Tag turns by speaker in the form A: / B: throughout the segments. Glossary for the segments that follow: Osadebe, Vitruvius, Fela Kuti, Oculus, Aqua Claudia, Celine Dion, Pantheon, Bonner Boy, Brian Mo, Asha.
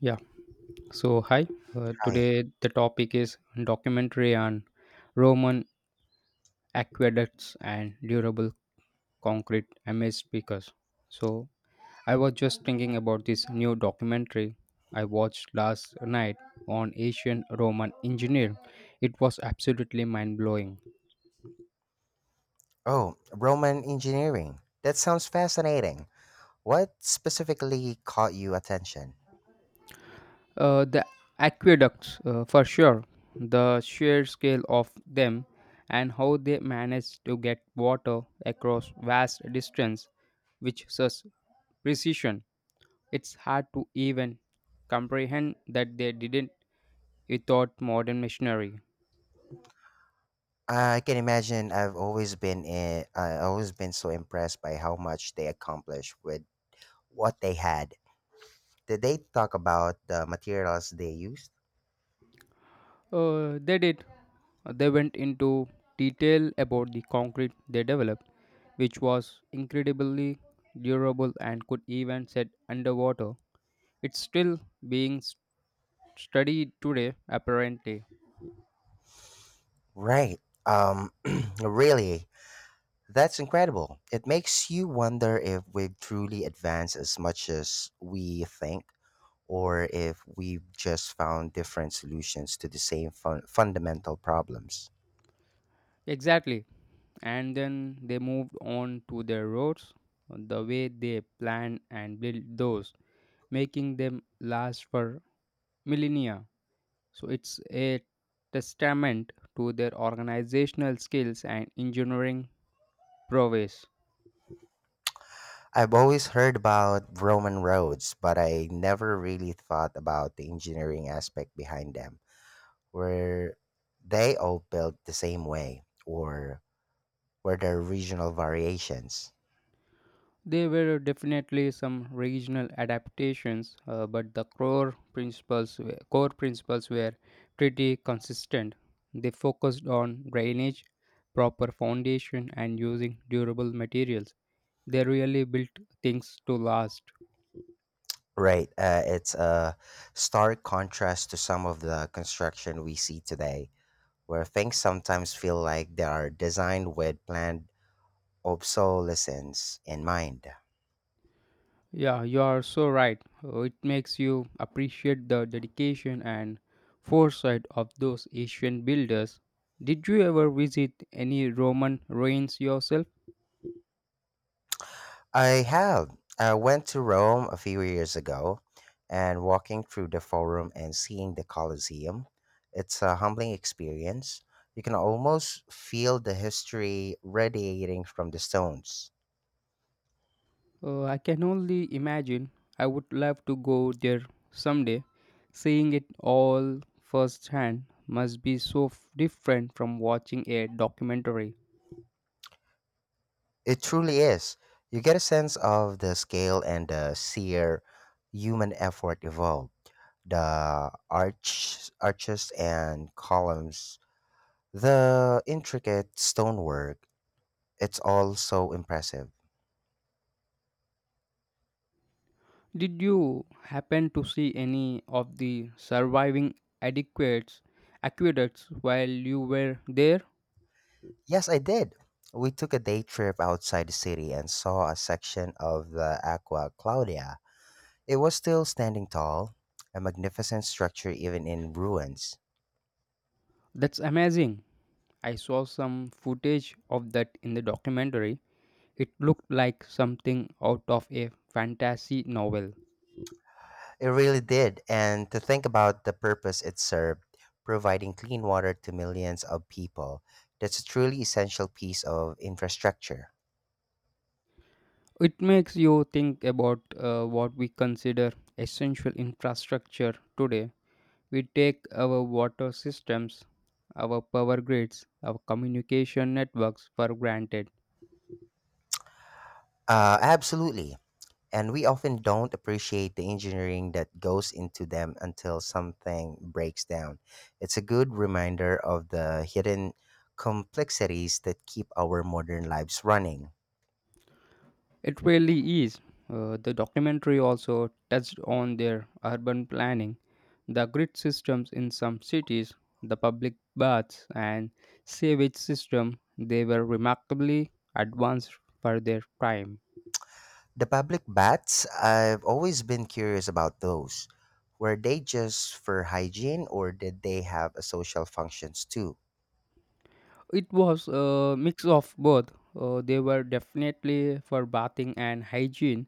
A: Yeah. So, hi.
B: Right.
A: Today the topic is documentary on Roman aqueducts and durable concrete amid speakers. So, I was just thinking about this new documentary I watched last night on ancient Roman engineering. It was absolutely mind blowing.
B: Oh, Roman engineering. That sounds fascinating. What specifically caught you attention?
A: The aqueducts, for sure, the sheer scale of them and how they managed to get water across vast distance with such precision. It's hard to even comprehend that they didn't without modern machinery.
B: I can imagine. I've always been I've always been so impressed by how much they accomplished with what they had. Did they talk about the materials they used?
A: They did. They went into detail about the concrete they developed, which was incredibly durable and could even set underwater. It's still being s- studied today, apparently.
B: Right. Um. really, that's incredible. It makes you wonder if we've truly advanced as much as we think, or if we've just found different solutions to the same fundamental problems.
A: Exactly. And then they moved on to their roads, the way they planned and built those, making them last for millennia. So it's a testament to their organizational skills and engineering prowess.
B: I've always heard about Roman roads, but I never really thought about the engineering aspect behind them. Were they all built the same way, or were there regional variations?
A: There were definitely some regional adaptations, but the core principles were pretty consistent. They focused on drainage, proper foundation, and using durable materials. They really built things to last.
B: Right, it's a stark contrast to some of the construction we see today, where things sometimes feel like they are designed with planned obsolescence in mind.
A: Yeah, you are so right. It makes you appreciate the dedication and foresight of those ancient builders. Did you ever visit any Roman ruins yourself?
B: I have. I went to Rome a few years ago, and walking through the Forum and seeing the Colosseum, it's a humbling experience. You can almost feel the history radiating from the stones.
A: I can only imagine. I would love to go there someday. Seeing it all firsthand must be so different from watching a documentary.
B: It truly is. You get a sense of the scale and the sheer human effort involved. The arches and columns, the intricate stonework, it's all so impressive.
A: Did you happen to see any of the surviving adequates, aqueducts while you were there?
B: Yes, I did. We took a day trip outside the city and saw a section of the Aqua Claudia. It was still standing tall, a magnificent structure even in ruins.
A: That's amazing. I saw some footage of that in the documentary. It looked like something out of a fantasy novel.
B: It really did. And to think about the purpose it served, providing clean water to millions of people, that's a truly essential piece of infrastructure.
A: It makes you think about what we consider essential infrastructure today. We take our water systems, our power grids, our communication networks for granted.
B: Absolutely. And we often don't appreciate the engineering that goes into them until something breaks down. It's a good reminder of the hidden complexities that keep our modern lives running.
A: It really is. The documentary also touched on their urban planning, the grid systems in some cities, the public baths, and sewage system. They were remarkably advanced for their time.
B: The public baths, I've always been curious about those. Were they just for hygiene or did they have a social functions too?
A: It was a mix of both. They were definitely for bathing and hygiene,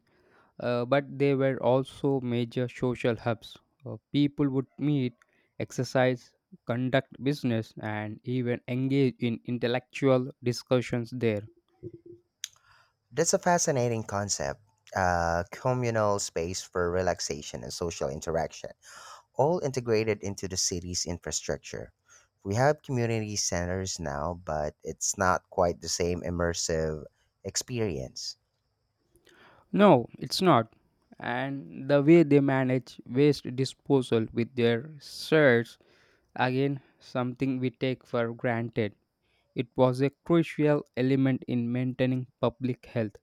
A: but they were also major social hubs. People would meet, exercise, conduct business, and even engage in intellectual discussions there.
B: That's a fascinating concept. A communal space for relaxation and social interaction, all integrated into the city's infrastructure. We have community centers now, but it's not quite the same immersive experience.
A: No, it's not. And the way they manage waste disposal with their search, again, something we take for granted. It was a crucial element in maintaining public health.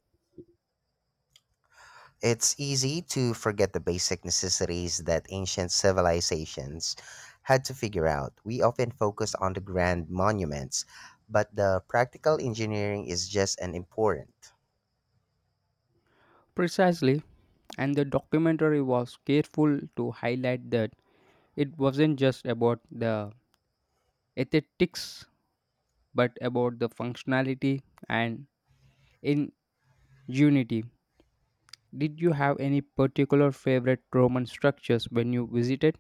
B: It's easy to forget the basic necessities that ancient civilizations had to figure out. We often focus on the grand monuments, but the practical engineering is just as important.
A: Precisely, and the documentary was careful to highlight that it wasn't just about the aesthetics but about the functionality and ingenuity. Did you have any particular favorite Roman structures when you visited?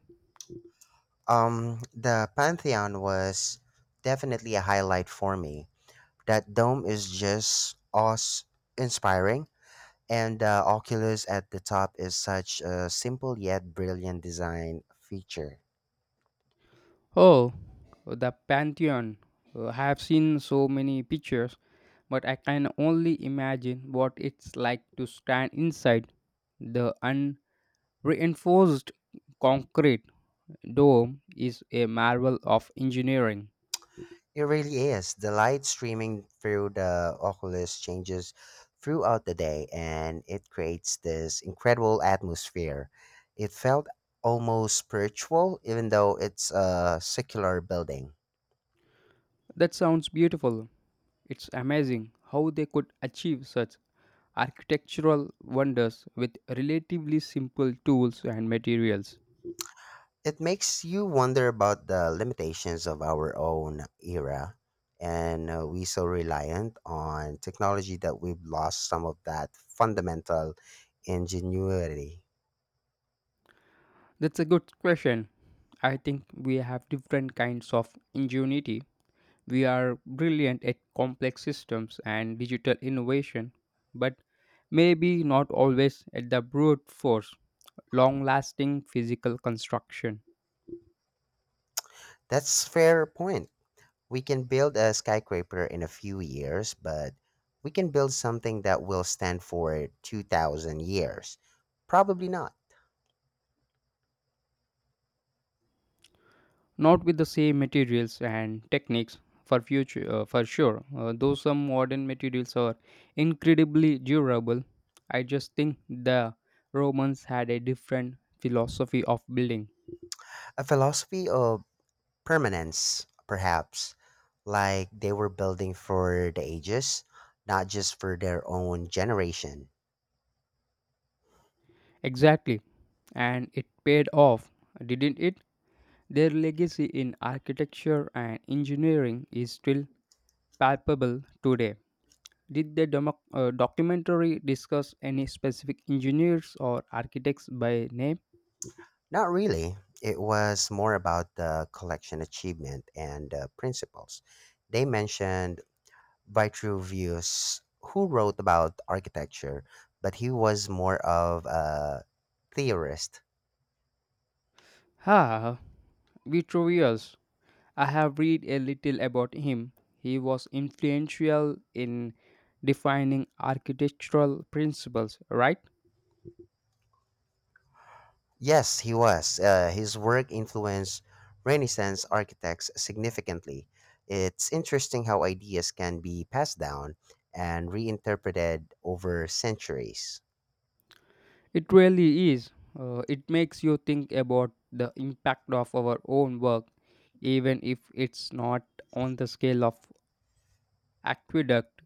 B: The Pantheon was definitely a highlight for me. That dome is just awe inspiring. And the Oculus at the top is such a simple yet brilliant design feature.
A: Oh, the Pantheon. I have seen so many pictures, but I can only imagine what it's like to stand inside the unreinforced concrete. Dome is a marvel of engineering.
B: It really is. The light streaming through the oculus changes throughout the day and it creates this incredible atmosphere. It felt almost spiritual, even though it's a secular building.
A: That sounds beautiful. It's amazing how they could achieve such architectural wonders with relatively simple tools and materials.
B: It makes you wonder about the limitations of our own era. And we so reliant on technology that we've lost some of that fundamental ingenuity.
A: That's a good question. I think we have different kinds of ingenuity. We are brilliant at complex systems and digital innovation, but maybe not always at the brute force, long lasting physical construction.
B: That's fair point. We can build a skyscraper in a few years, but we can build something that will stand for 2,000 years. Probably not.
A: Not with the same materials and techniques for future for sure, though some modern materials are incredibly durable. I just think the Romans had a different philosophy of building.
B: A philosophy of permanence, perhaps, like they were building for the ages, not just for their own generation.
A: Exactly, and it paid off, didn't it? Their legacy in architecture and engineering is still palpable today. Did the documentary discuss any specific engineers or architects by name?
B: Not really. It was more about the collection achievement and principles. They mentioned Vitruvius, who wrote about architecture, but he was more of a theorist.
A: Ah, Vitruvius. I have read a little about him. He was influential in defining architectural principles, right?
B: Yes, he was. His work influenced Renaissance architects significantly. It's interesting how ideas can be passed down and reinterpreted over centuries.
A: It really is. It makes you think about the impact of our own work, even if it's not on the scale of aqueduct.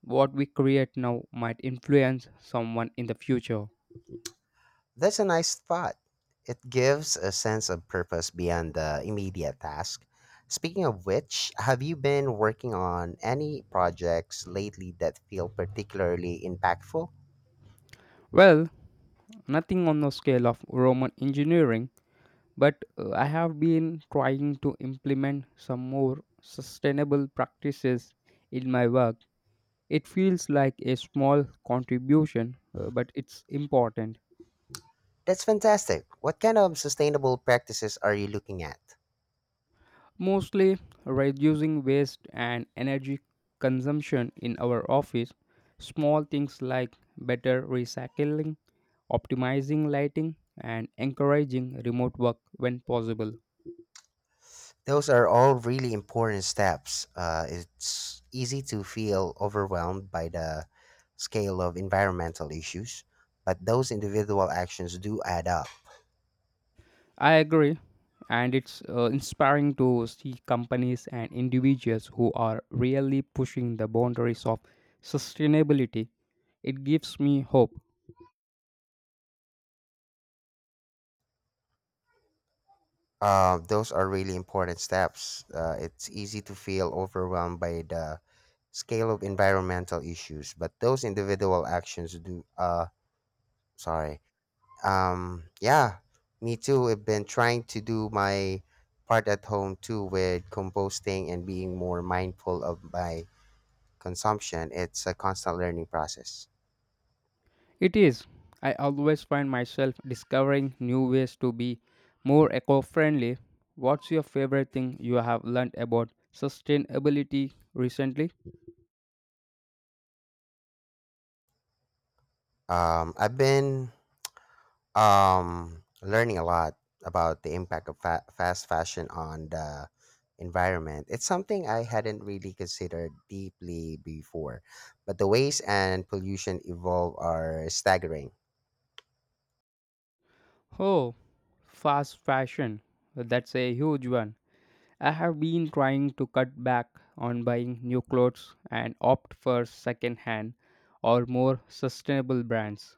A: What we create now might influence someone in the future.
B: That's a nice thought. It gives a sense of purpose beyond the immediate task. Speaking of which, have you been working on any projects lately that feel particularly impactful?
A: Well, nothing on the scale of Roman engineering, but I have been trying to implement some more sustainable practices in my work. It feels like a small contribution, but it's important.
B: That's fantastic. What kind of sustainable practices are you looking at?
A: Mostly reducing waste and energy consumption in our office. Small things like better recycling, optimizing lighting, and encouraging remote work when possible.
B: Those are all really important steps. It's easy to feel overwhelmed by the scale of environmental issues, but those individual actions do add up.
A: I agree, and it's inspiring to see companies and individuals who are really pushing the boundaries of sustainability. It gives me hope.
B: Those are really important steps. It's easy to feel overwhelmed by the scale of environmental issues, but those individual actions do. Sorry, yeah, me too. I've been trying to do my part at home too with composting and being more mindful of my consumption. It's a constant learning process.
A: It is. I always find myself discovering new ways to be more eco friendly. What's your favorite thing you have learned about sustainability recently?
B: I've been learning a lot about the impact of fast fashion on the environment. It's something I hadn't really considered deeply before, but the waste and pollution involved are staggering.
A: Oh, fast fashion. That's a huge one. I have been trying to cut back on buying new clothes and opt for second hand or more sustainable brands.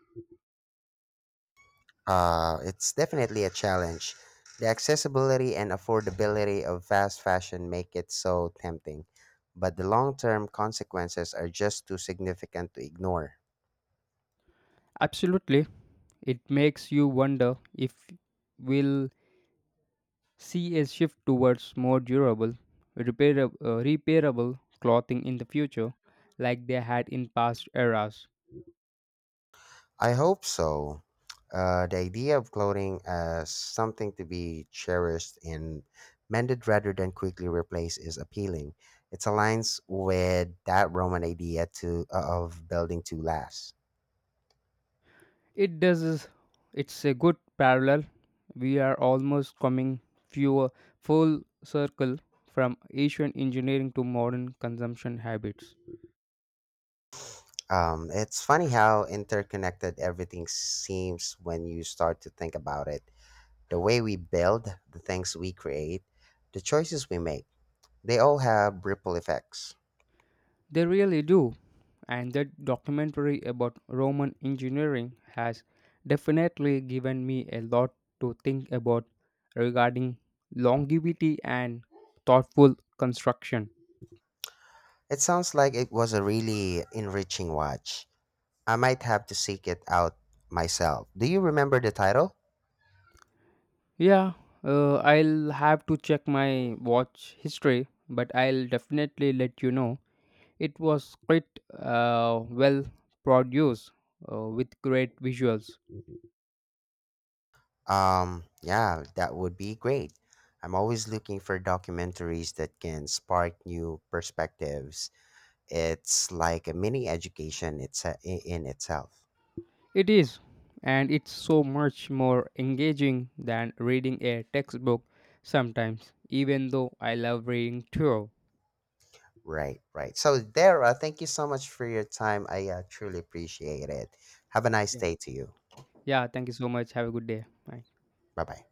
B: It's definitely a challenge. The accessibility and affordability of fast fashion make it so tempting, but the long term consequences are just too significant to ignore.
A: Absolutely. It makes you wonder if will see a shift towards more durable, repairable, repairable clothing in the future, like they had in past eras.
B: I hope so. The idea of clothing as something to be cherished and mended rather than quickly replaced is appealing. It aligns with that Roman idea to, of building to last.
A: It does. It's a good parallel. We are almost coming fewer full circle from ancient engineering to modern consumption habits.
B: It's funny how interconnected everything seems when you start to think about it. The way we build, the things we create, the choices we make, they all have ripple effects.
A: They really do. And that documentary about Roman engineering has definitely given me a lot to think about regarding longevity and thoughtful construction.
B: It sounds like it was a really enriching watch. I might have to seek it out myself. Do you remember the title?
A: Yeah, I'll have to check my watch history, but I'll definitely let you know. It was quite well produced, with great visuals.
B: Yeah, that would be great. I'm always looking for documentaries that can spark new perspectives. It's like a mini education, in itself.
A: It is, and it's so much more engaging than reading a textbook sometimes, even though I love reading too.
B: Right, right. So, Dara, thank you so much for your time. I truly appreciate it. Have a nice
A: Yeah,
B: day to you.
A: yeah, thank you so much. Have a good day. Bye.
B: Bye bye.